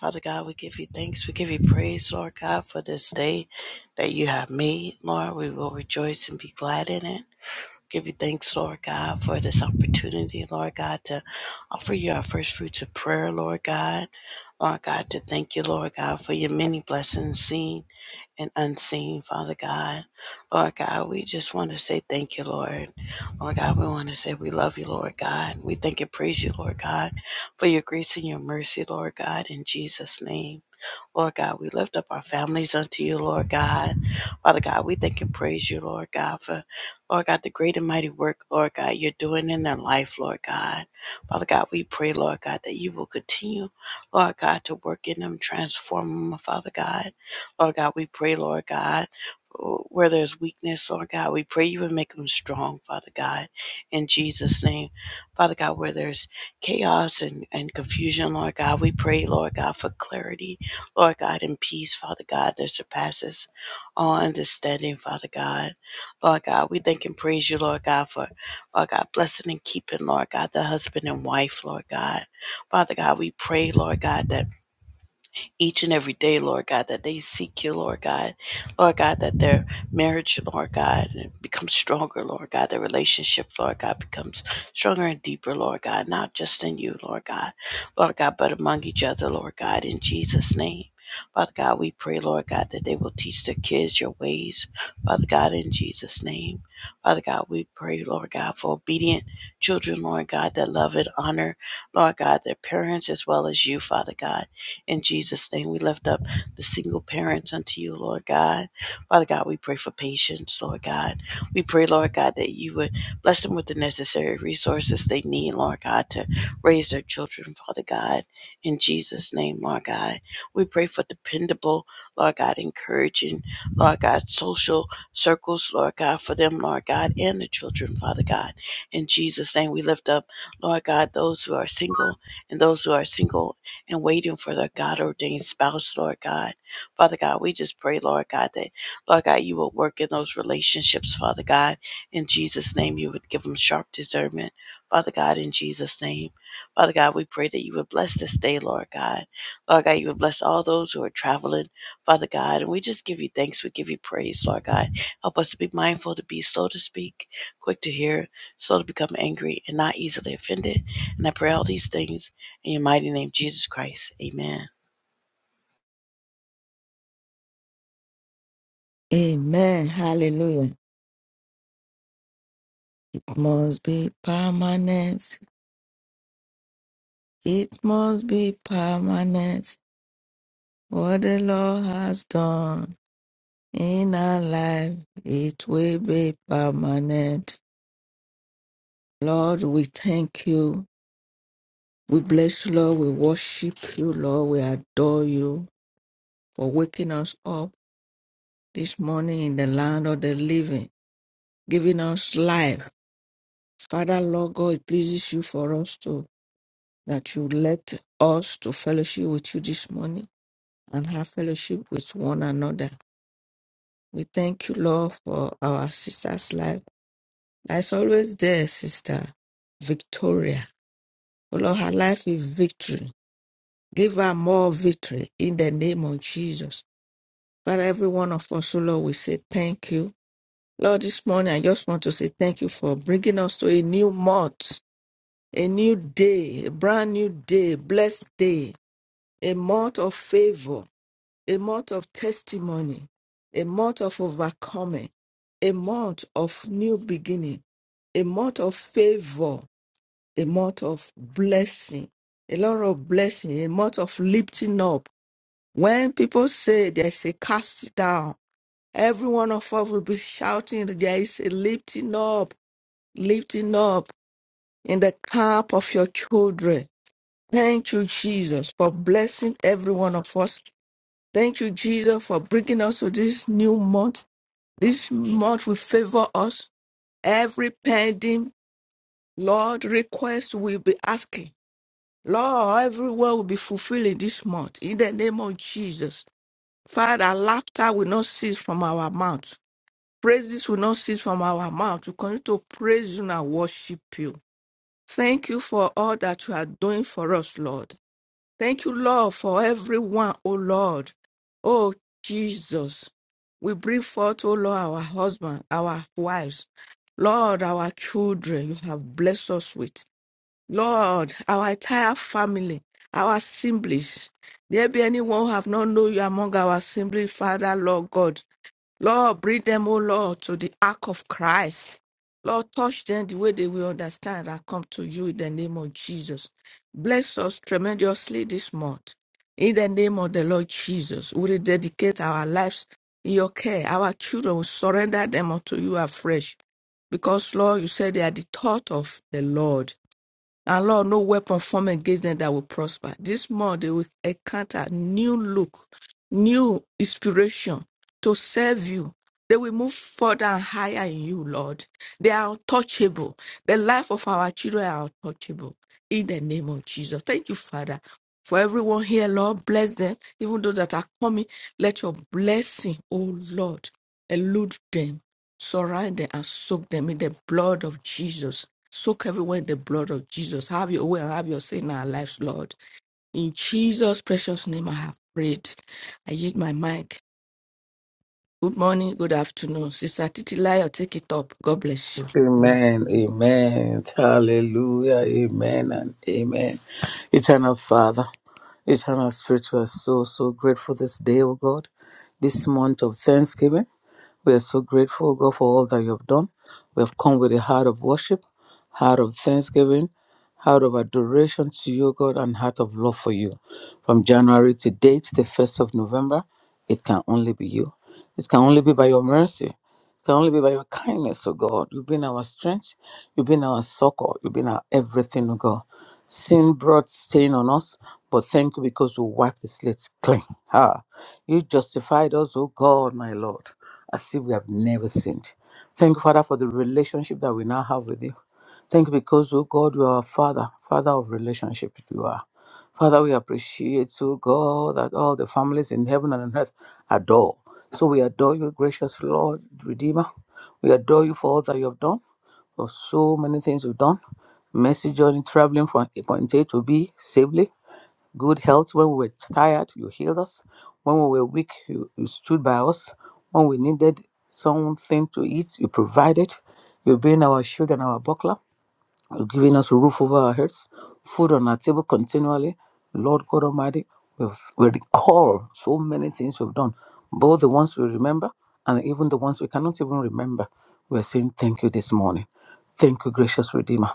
Father God, we give you thanks. We give you praise, Lord God, for this day that you have made, Lord. We will rejoice and be glad in it. Give you thanks, Lord God, for this opportunity, Lord God, to offer you our first fruits of prayer, Lord God. Lord God, to thank you, Lord God, for your many blessings seen and unseen, Father God. Lord God, we just want to say thank you, Lord. Lord God, we want to say we love you, Lord God. We thank and praise you, Lord God, for your grace and your mercy, Lord God, in Jesus' name. Lord God, we lift up our families unto you, Lord God. Father God, we thank and praise you, Lord God, for, Lord God, the great and mighty work, Lord God, you're doing in their life, Lord God. Father God, we pray, Lord God, that you will continue, Lord God, to work in them, transform them, Father God. Lord God, we pray, Lord God, where there's weakness, Lord God, we pray you would make them strong, Father God, in Jesus' name. Father God, where there's chaos and, and confusion, Lord God, we pray, Lord God, for clarity. Lord God, in peace, Father God, that surpasses all understanding, Father God. Lord God, we thank and praise you, Lord God, for, Lord God, blessing and keeping, Lord God, the husband and wife, Lord God. Father God, we pray, Lord God, that each and every day, Lord God, that they seek you, Lord God. Lord God, that their marriage, Lord God, becomes stronger, Lord God. Their relationship, Lord God, becomes stronger and deeper, Lord God, not just in you, Lord God, Lord God, but among each other, Lord God, in Jesus' name. Father God, we pray, Lord God, that they will teach their kids your ways, Father God, in Jesus' name. Father God, we pray, Lord God, for obedient children, Lord God, that love and honor, Lord God, their parents as well as you, Father God. In Jesus' name, we lift up the single parents unto you, Lord God. Father God, we pray for patience, Lord God. We pray, Lord God, that you would bless them with the necessary resources they need, Lord God, to raise their children, Father God. In Jesus' name, Lord God, we pray for dependable, Lord God, encouraging, Lord God, social circles, Lord God, for them, Lord God, and the children, Father God. In Jesus' name, we lift up, Lord God, those who are single and those who are single and waiting for the God ordained spouse, Lord God. Father God, we just pray, Lord God, that, Lord God, you will work in those relationships, Father God. In Jesus' name, you would give them sharp discernment, Father God, in Jesus' name. Father God, we pray that you would bless this day, Lord God. Lord God, you would bless all those who are traveling, Father God. And we just give you thanks. We give you praise, Lord God. Help us to be mindful, to be slow to speak, quick to hear, slow to become angry, and not easily offended. And I pray all these things in your mighty name, Jesus Christ. Amen. Amen. Hallelujah. It must be permanent. It must be permanent. What the Lord has done in our life, it will be permanent. Lord, we thank you. We bless you, Lord. We worship you, Lord. We adore you for waking us up this morning in the land of the living, giving us life. Father, Lord God, it pleases you for us to that you let us to fellowship with you this morning and have fellowship with one another. We thank you, Lord, for our sister's life. As always there, sister Victoria. Oh, Lord, her life is victory. Give her more victory in the name of Jesus. Father, every one of us, oh Lord, we say thank you. Lord, this morning I just want to say thank you for bringing us to a new month, a new day, a brand new day, blessed day, a month of favor a month of testimony, a month of overcoming, a month of new beginning, a month of favor, a month of blessing, a lot of blessing, a month of lifting up. When people say there's a cast down, every one of us will be shouting, There is a lifting up, lifting up in the camp of your children. Thank you, Jesus, for blessing every one of us Thank you, Jesus, for bringing us to this new month. This month will favor us. Every pending, Lord, request will be asking. Lord, everywhere will be fulfilled in this month. In the name of Jesus. Father, laughter will not cease from our mouth. Praises will not cease from our mouth. We continue to praise you and worship you. Thank you for all that you are doing for us, Lord. Thank you, Lord, for everyone, O Lord. Oh, Jesus. We bring forth, O Lord, our husband, our wives, Lord, our children, you have blessed us with. Lord, our entire family, our assemblies. There be anyone who have not known you among our assembly, Father, Lord God. Lord, bring them, O Lord, to the ark of Christ. Lord, touch them the way they will understand and come to you in the name of Jesus. Bless us tremendously this month. In the name of the Lord Jesus, we will dedicate our lives in your care. Our children will surrender them unto you afresh. Because, Lord, you said they are the thought of the Lord. And Lord, no weapon formed against them that will prosper. This month they will encounter new look, new inspiration to serve you. They will move further and higher in you, Lord. They are untouchable. The life of our children are untouchable. In the name of Jesus. Thank you, Father. For everyone here, Lord, bless them. Even those that are coming, let your blessing, oh Lord, elude them, surround them, and soak them in the blood of Jesus. Soak everyone in the blood of Jesus. Have your way and have your say in our lives, Lord. In Jesus' precious name, I have prayed. I use my mic. Good morning, good afternoon. Sister Titilayo, take it up. God bless you. Mm. Amen, amen, hallelujah, amen, and amen. Eternal Father, eternal Spirit, we are so, so grateful this day, O God, this month of Thanksgiving. We are so grateful, O God, for all that you have done. We have come with a heart of worship, heart of thanksgiving, heart of adoration to you, O God, and heart of love for you. From January to date, the 1st of November, it can only be you. It can only be by your mercy. It can only be by your kindness, oh God. You've been our strength. You've been our succor. You've been our everything, oh God. Sin brought stain on us, but thank you because you wiped the slate clean. Ah, you justified us, oh God, my Lord, as if we have never sinned. Thank you, Father, for the relationship that we now have with you. Thank you because, oh God, you are our Father, Father of relationship you are. Father, we appreciate you, God, that all the families in heaven and on earth adore. So we adore you, gracious Lord, Redeemer. We adore you for all that you have done, for so many things you've done. Mercy journey traveling from a point A to B safely. Good health when we were tired, you healed us. When we were weak, you, you stood by us. When we needed something to eat, you provided. You've been our shield and our buckler. You're giving us a roof over our heads, food on our table continually. Lord God Almighty, we we recall so many things we've done, both the ones we remember and even the ones we cannot even remember. We're saying thank you this morning. Thank you, gracious Redeemer.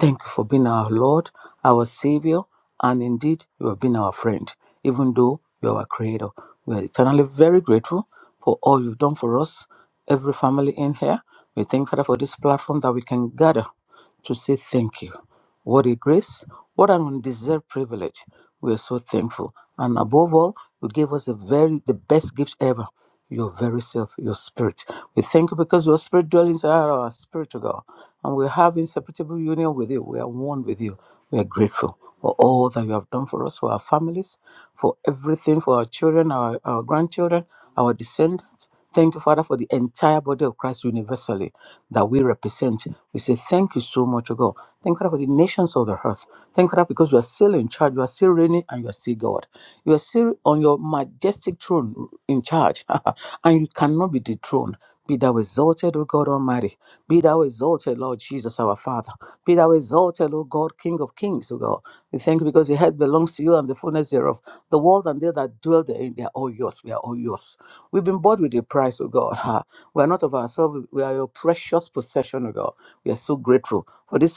Thank you for being our Lord, our Savior, and indeed, you have been our friend, even though you are our Creator. We are eternally very grateful for all you've done for us, every family in here. We thank Father for this platform that we can gather to say thank you. What a grace, what an undeserved privilege. We are so thankful. And above all, you gave us the very the best gift ever, your very self, your spirit. We thank you because your spirit dwells inside our spirit, to God. And we have inseparable union with you. We are one with you. We are grateful for all that you have done for us, for our families, for everything, for our children, our, our grandchildren, our descendants. Thank you, Father, for the entire body of Christ universally that we represent. We say thank you so much, O God. Thank you, Father, for the nations of the earth. Thank you, Father, because you are still in charge, you are still reigning, and you are still God. You are still on your majestic throne in charge, and you cannot be the throne. Be thou exalted, O God Almighty. Be thou exalted, Lord Jesus, our Father. Be thou exalted, O God, King of Kings, O God. We thank you because the head belongs to you and the fullness thereof. The world and they that dwell therein, they are all yours. We are all yours. We've been bought with a price, O God. Ha. We are not of ourselves. We are your precious possession, O God. We are so grateful for this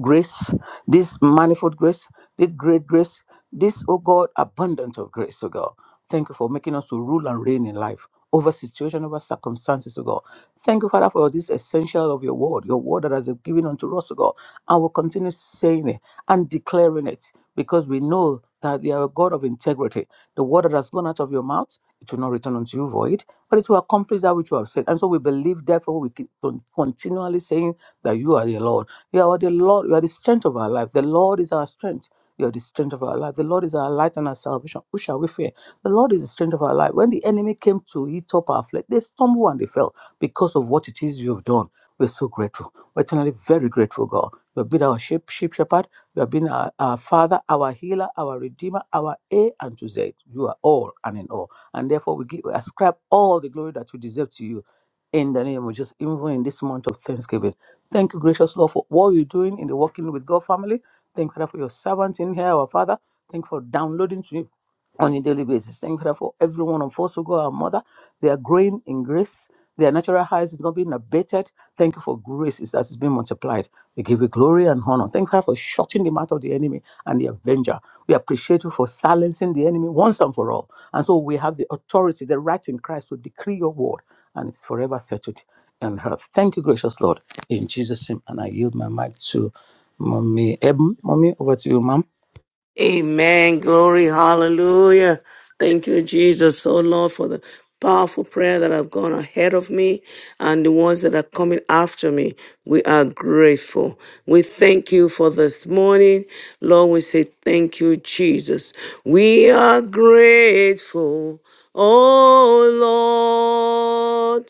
grace, this manifold grace, this great grace, this, oh God, abundance of grace, oh God. Thank you for making us to rule and reign in life over situation, over circumstances, oh God. Thank you, Father, for this essential of your word, your word that has been given unto us, oh God. And we'll continue saying it and declaring it because we know that you are a God of integrity. The word that has gone out of your mouth, it will not return unto you void, but it will accomplish that which you have said. And so we believe, therefore, we keep on continually saying that you are the Lord. You are the Lord. You are the strength of our life. The Lord is our strength. You are the strength of our life. The Lord is our light and our salvation. Who shall we fear? The Lord is the strength of our life. When the enemy came to eat up our flesh, they stumbled and they fell because of what it is you have done. We're so grateful. We're eternally very grateful, God. You have been our sheep, sheep shepherd. You have been our, our Father, our healer, our redeemer, our A and to Z. You are all and in all. And therefore, we, give, we ascribe all the glory that we deserve to you in the name of Jesus, even in this month of Thanksgiving. Thank you, gracious Lord, for what you're doing in the Walking with God family. Thank you, Father, for your servants in here, our Father. Thank you for downloading on a daily basis. Thank you for every one of us who go our mother. They are growing in grace. Their natural highs is not being abated. Thank you for grace is that it's being multiplied. We give you glory and honor. Thank you for shutting the mouth of the enemy and the avenger. We appreciate you for silencing the enemy once and for all. And so we have the authority, the right in Christ to decree your word, and it's forever settled in earth. Thank you, gracious Lord. In Jesus' name, and I yield my mic to Mommy Eben. Mommy, over to you, ma'am. Amen. Glory. Hallelujah. Thank you, Jesus. Oh, Lord, for the powerful prayer that have gone ahead of me and the ones that are coming after me. We are grateful. We thank you for this morning. Lord, we say thank you, Jesus. We are grateful. Oh, Lord.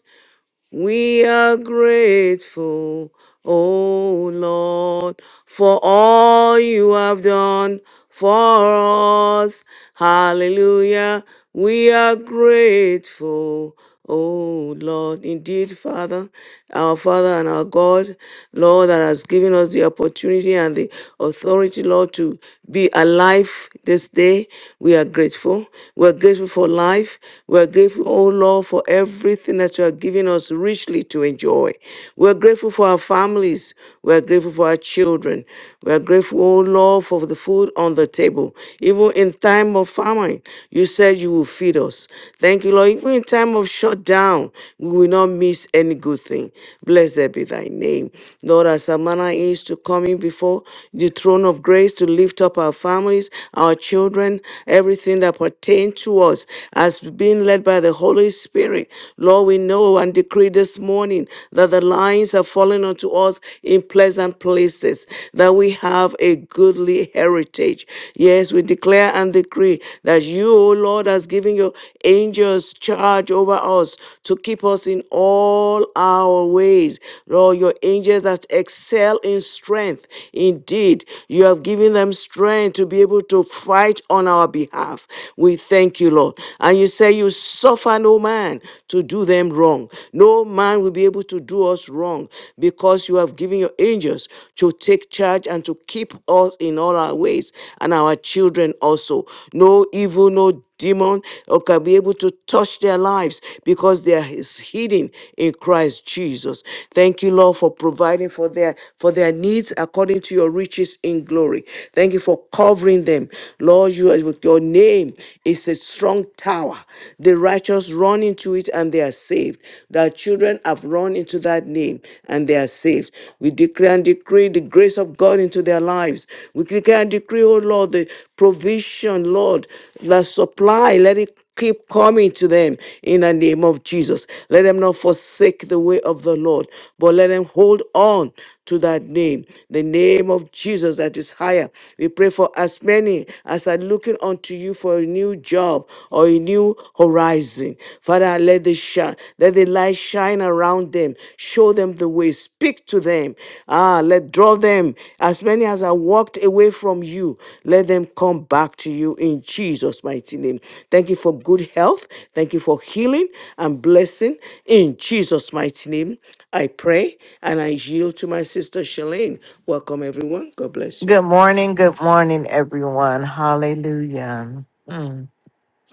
We are grateful, O Lord, for all you have done for us. Hallelujah. We are grateful, O Lord. Indeed, Father, our Father and our God, Lord, that has given us the opportunity and the authority, Lord, to be alive this day. We are grateful. We are grateful for life. We are grateful, O Lord, for every everything that you are giving us richly to enjoy. We are grateful for our families. We are grateful for our children. We are grateful, oh Lord, for the food on the table. Even in time of famine, you said you will feed us. Thank you, Lord. Even in time of shutdown, we will not miss any good thing. Blessed be thy name. Lord, as our manner is to coming before the throne of grace to lift up our families, our children, everything that pertains to us has been led been led by the Holy Spirit. Lord, we know and decree this morning that the lines are falling unto us in pleasant places, that we have a goodly heritage. Yes, we declare and decree that you, O Lord, has given your angels charge over us to keep us in all our ways. Lord, your angels that excel in strength. Indeed, you have given them strength to be able to fight on our behalf. We thank Thank you, Lord. And you say, You suffer no man to do them wrong. No man will be able to do us wrong because you have given your angels to take charge and to keep us in all our ways and our children also. No evil, no demon or can be able to touch their lives because they are his- hidden in Christ Jesus. Thank you, Lord, for providing for their for their needs according to your riches in glory. Thank you for covering them. Lord, you are truth. Your name is a strong tower. The righteous run into it and they are saved. Thy children have run into that name and they are saved. We declare and decree the grace of God into their lives. We declare and decree, oh Lord, the provision, Lord, the supply. Let it keep coming to them in the name of Jesus. Let them not forsake the way of the Lord, but let them hold on to that name, the name of Jesus that is higher. We pray for as many as are looking unto you for a new job or a new horizon. Father, let the shine, let the light shine around them, Show them the way. Speak to them. Ah, let draw them. As many as are walked away from you, let them come back to you in Jesus' mighty name. Thank you for good health. Thank you for healing and blessing in Jesus' mighty name. I pray and I yield to my sister Shalane. Welcome, everyone. God bless you. Good morning, good morning, everyone. Hallelujah. Mm.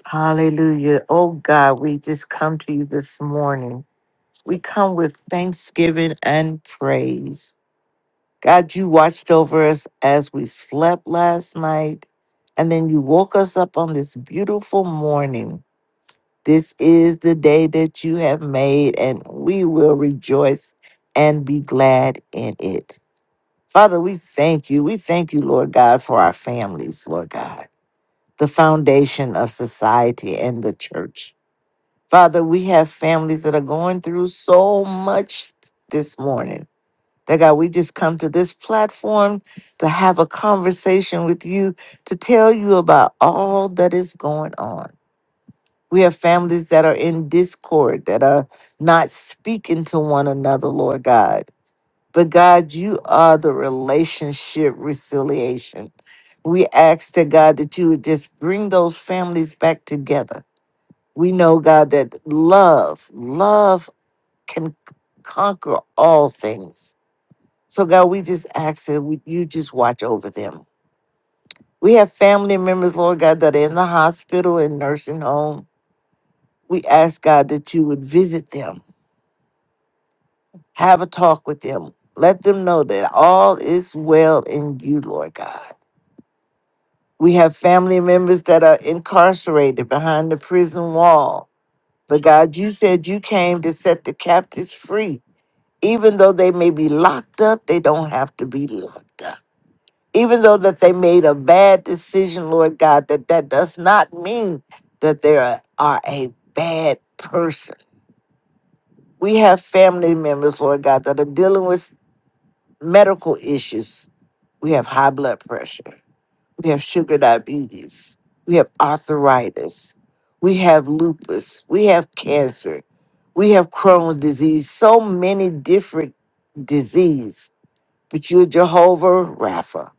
Hallelujah. Oh God, we just come to you this morning. We come with thanksgiving and praise. God, you watched over us as we slept last night, and then you woke us up on this beautiful morning. This is the day that you have made, and we will rejoice and be glad in it. Father, we thank you. We thank you, Lord God, for our families, Lord God, the foundation of society and the church. Father, we have families that are going through so much this morning. That God, we just come to this platform to have a conversation with you, to tell you about all that is going on. We have families that are in discord, that are not speaking to one another, Lord God but God, you are the relationship reconciliation. We ask that God that you would just bring those families back together. We know, God, that love, love can conquer all things. So, God, we just ask that we, you just watch over them. We have family members, Lord God, that are in the hospital and nursing home. We ask, God, that you would visit them, have a talk with them, let them know that all is well in you, Lord God. We have family members that are incarcerated behind the prison wall. But God, you said you came to set the captives free. Even though they may be locked up, they don't have to be locked up. Even though that they made a bad decision, Lord God, that that does not mean that they are, are a bad person. We have family members, Lord God, that are dealing with medical issues. We have high blood pressure. We have sugar diabetes. We have arthritis. We have lupus. We have cancer. We have Crohn's disease. So many different disease. But you're Jehovah Rapha.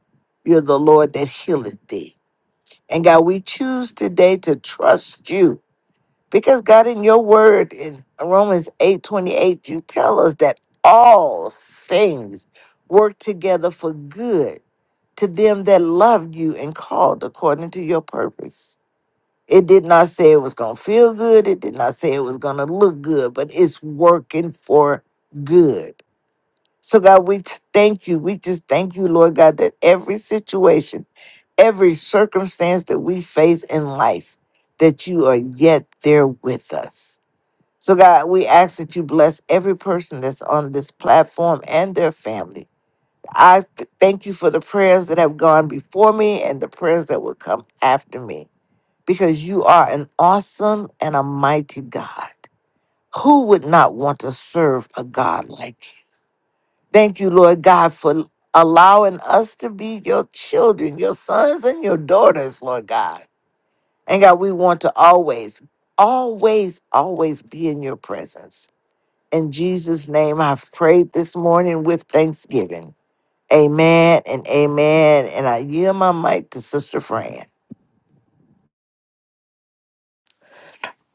You're the Lord that healeth thee. And God, we choose today to trust you. Because God, in your word in Romans 8 28, you tell us that all things work together for good to them that loved you and called according to your purpose. It did not say it was going to feel good. It did not say it was going to look good, but it's working for good. So, God, we t- thank you. We just thank you, Lord God, that every situation, every circumstance that we face in life, that you are yet there with us. So, God, we ask that you bless every person that's on this platform and their families I th- thank you for the prayers that have gone before me and the prayers that will come after me because you are an awesome and a mighty God. Who would not want to serve a God like you? Thank you, Lord God, for allowing us to be your children, your sons and your daughters, Lord God. And God, we want to always, always, always be in your presence. In Jesus' name, I've prayed this morning with thanksgiving. Amen and amen. And I yield my mic to Sister Fran.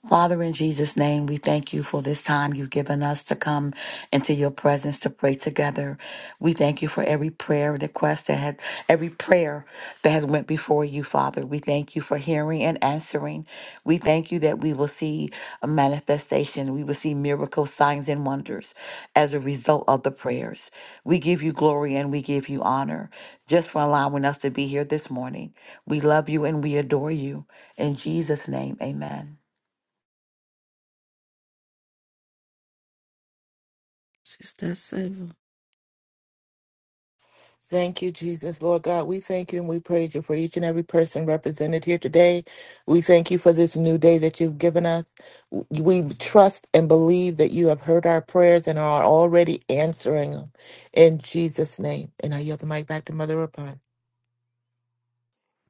Father, in Jesus' name, we thank you for this time you've given us to come into your presence to pray together. We thank you for every prayer request that had every prayer that has went before you, Father. We thank you for hearing and answering. We thank you that we will see a manifestation. We will see miracle signs and wonders as a result of the prayers. We give you glory and we give you honor just for allowing us to be here this morning. We love you and we adore you. In Jesus' name, amen. Sister Seven, Thank you, Jesus. Lord God, we thank you and we praise you for each and every person represented here today. We thank you for this new day that you've given us. We trust and believe that you have heard our prayers and are already answering them. In Jesus' name. And I yield the mic back to Mother Upon.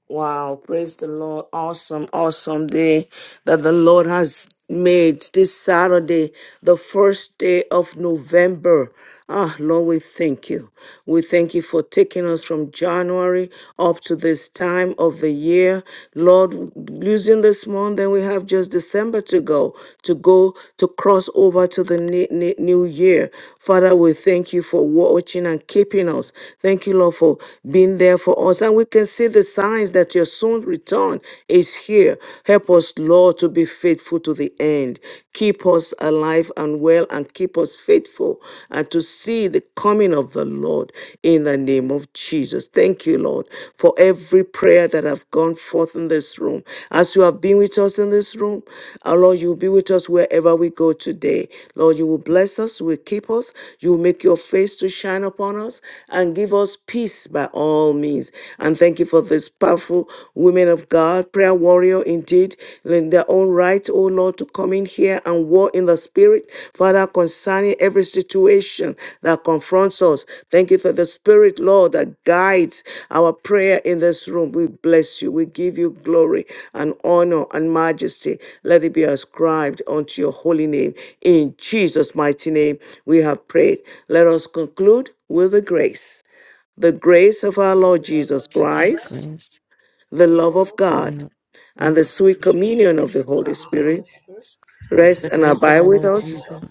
Wow, praise the Lord. Awesome, awesome day that the Lord has made this Saturday, the first day of November. Ah, Lord, we thank you. We thank you for taking us from January up to this time of the year. Lord, losing this month, then we have just December to go, to go to cross over to the ne- ne- new year. Father, we thank you for watching and keeping us. Thank you, Lord, for being there for us. and. we and we can see the signs that your soon return is here. Help us, Lord, to be faithful to the end. Keep us alive and well and keep us faithful and to see the coming of the Lord in the name of Jesus. Thank you, Lord, for every prayer that have gone forth in this room. As you have been with us in this room, our Lord, you will be with us wherever we go today. Lord, you will bless us, you will keep us, you will make your face to shine upon us and give us peace by by all means. And thank you for this powerful women of God, prayer warrior indeed, in their own right, oh Lord, to come in here and war in the spirit, Father, concerning every situation that confronts us. Thank you for the spirit, Lord, that guides our prayer in this room. We bless you. We give you glory and honor and majesty. Let it be ascribed unto your holy name. In Jesus' mighty name, we have prayed. Let us conclude with a grace the grace of our Lord Jesus Jesus Christ, Christ, the love of we God, are and good the sweet communion of the Holy Spirit With rest The and grace of abide our with Lord us Jesus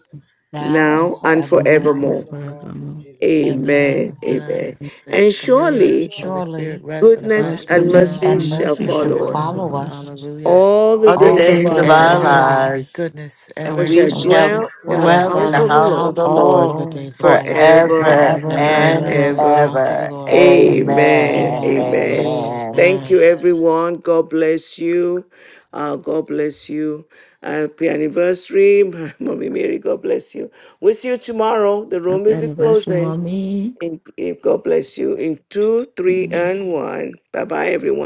now and now and now forevermore. and forevermore. forevermore. and the love Amen. Amen. of Amen. God, this And communion of surely His Holy Spirit Surely rests and abide goodness God's with and us goodness goodness now mercy and and shall mercy mercy and shall shall follow us follow forevermore. follow us us Hallelujah. all the Other all days the all of days the our of days And of our our lives, day, surely lives, lives, goodness and and we and we shall mercy and we shall shall dwell in the shall dwell dwell in in house the the of the follow us house of Lord the house of the all Lord the Lord days of our life, forever forever and forever forever, we and shall and and ever. dwell in ever. the ever. house of the ever. Lord Amen. forever and Amen. ever. Amen. Amen. Amen. Amen. Amen. Thank you, everyone. God bless you. Uh, God bless you. Happy anniversary, Mommy Mary. God bless you. We'll see you tomorrow. The room Happy will be anniversary, closing. mommy. In, in- God bless you in two, three, and one. Bye bye, everyone.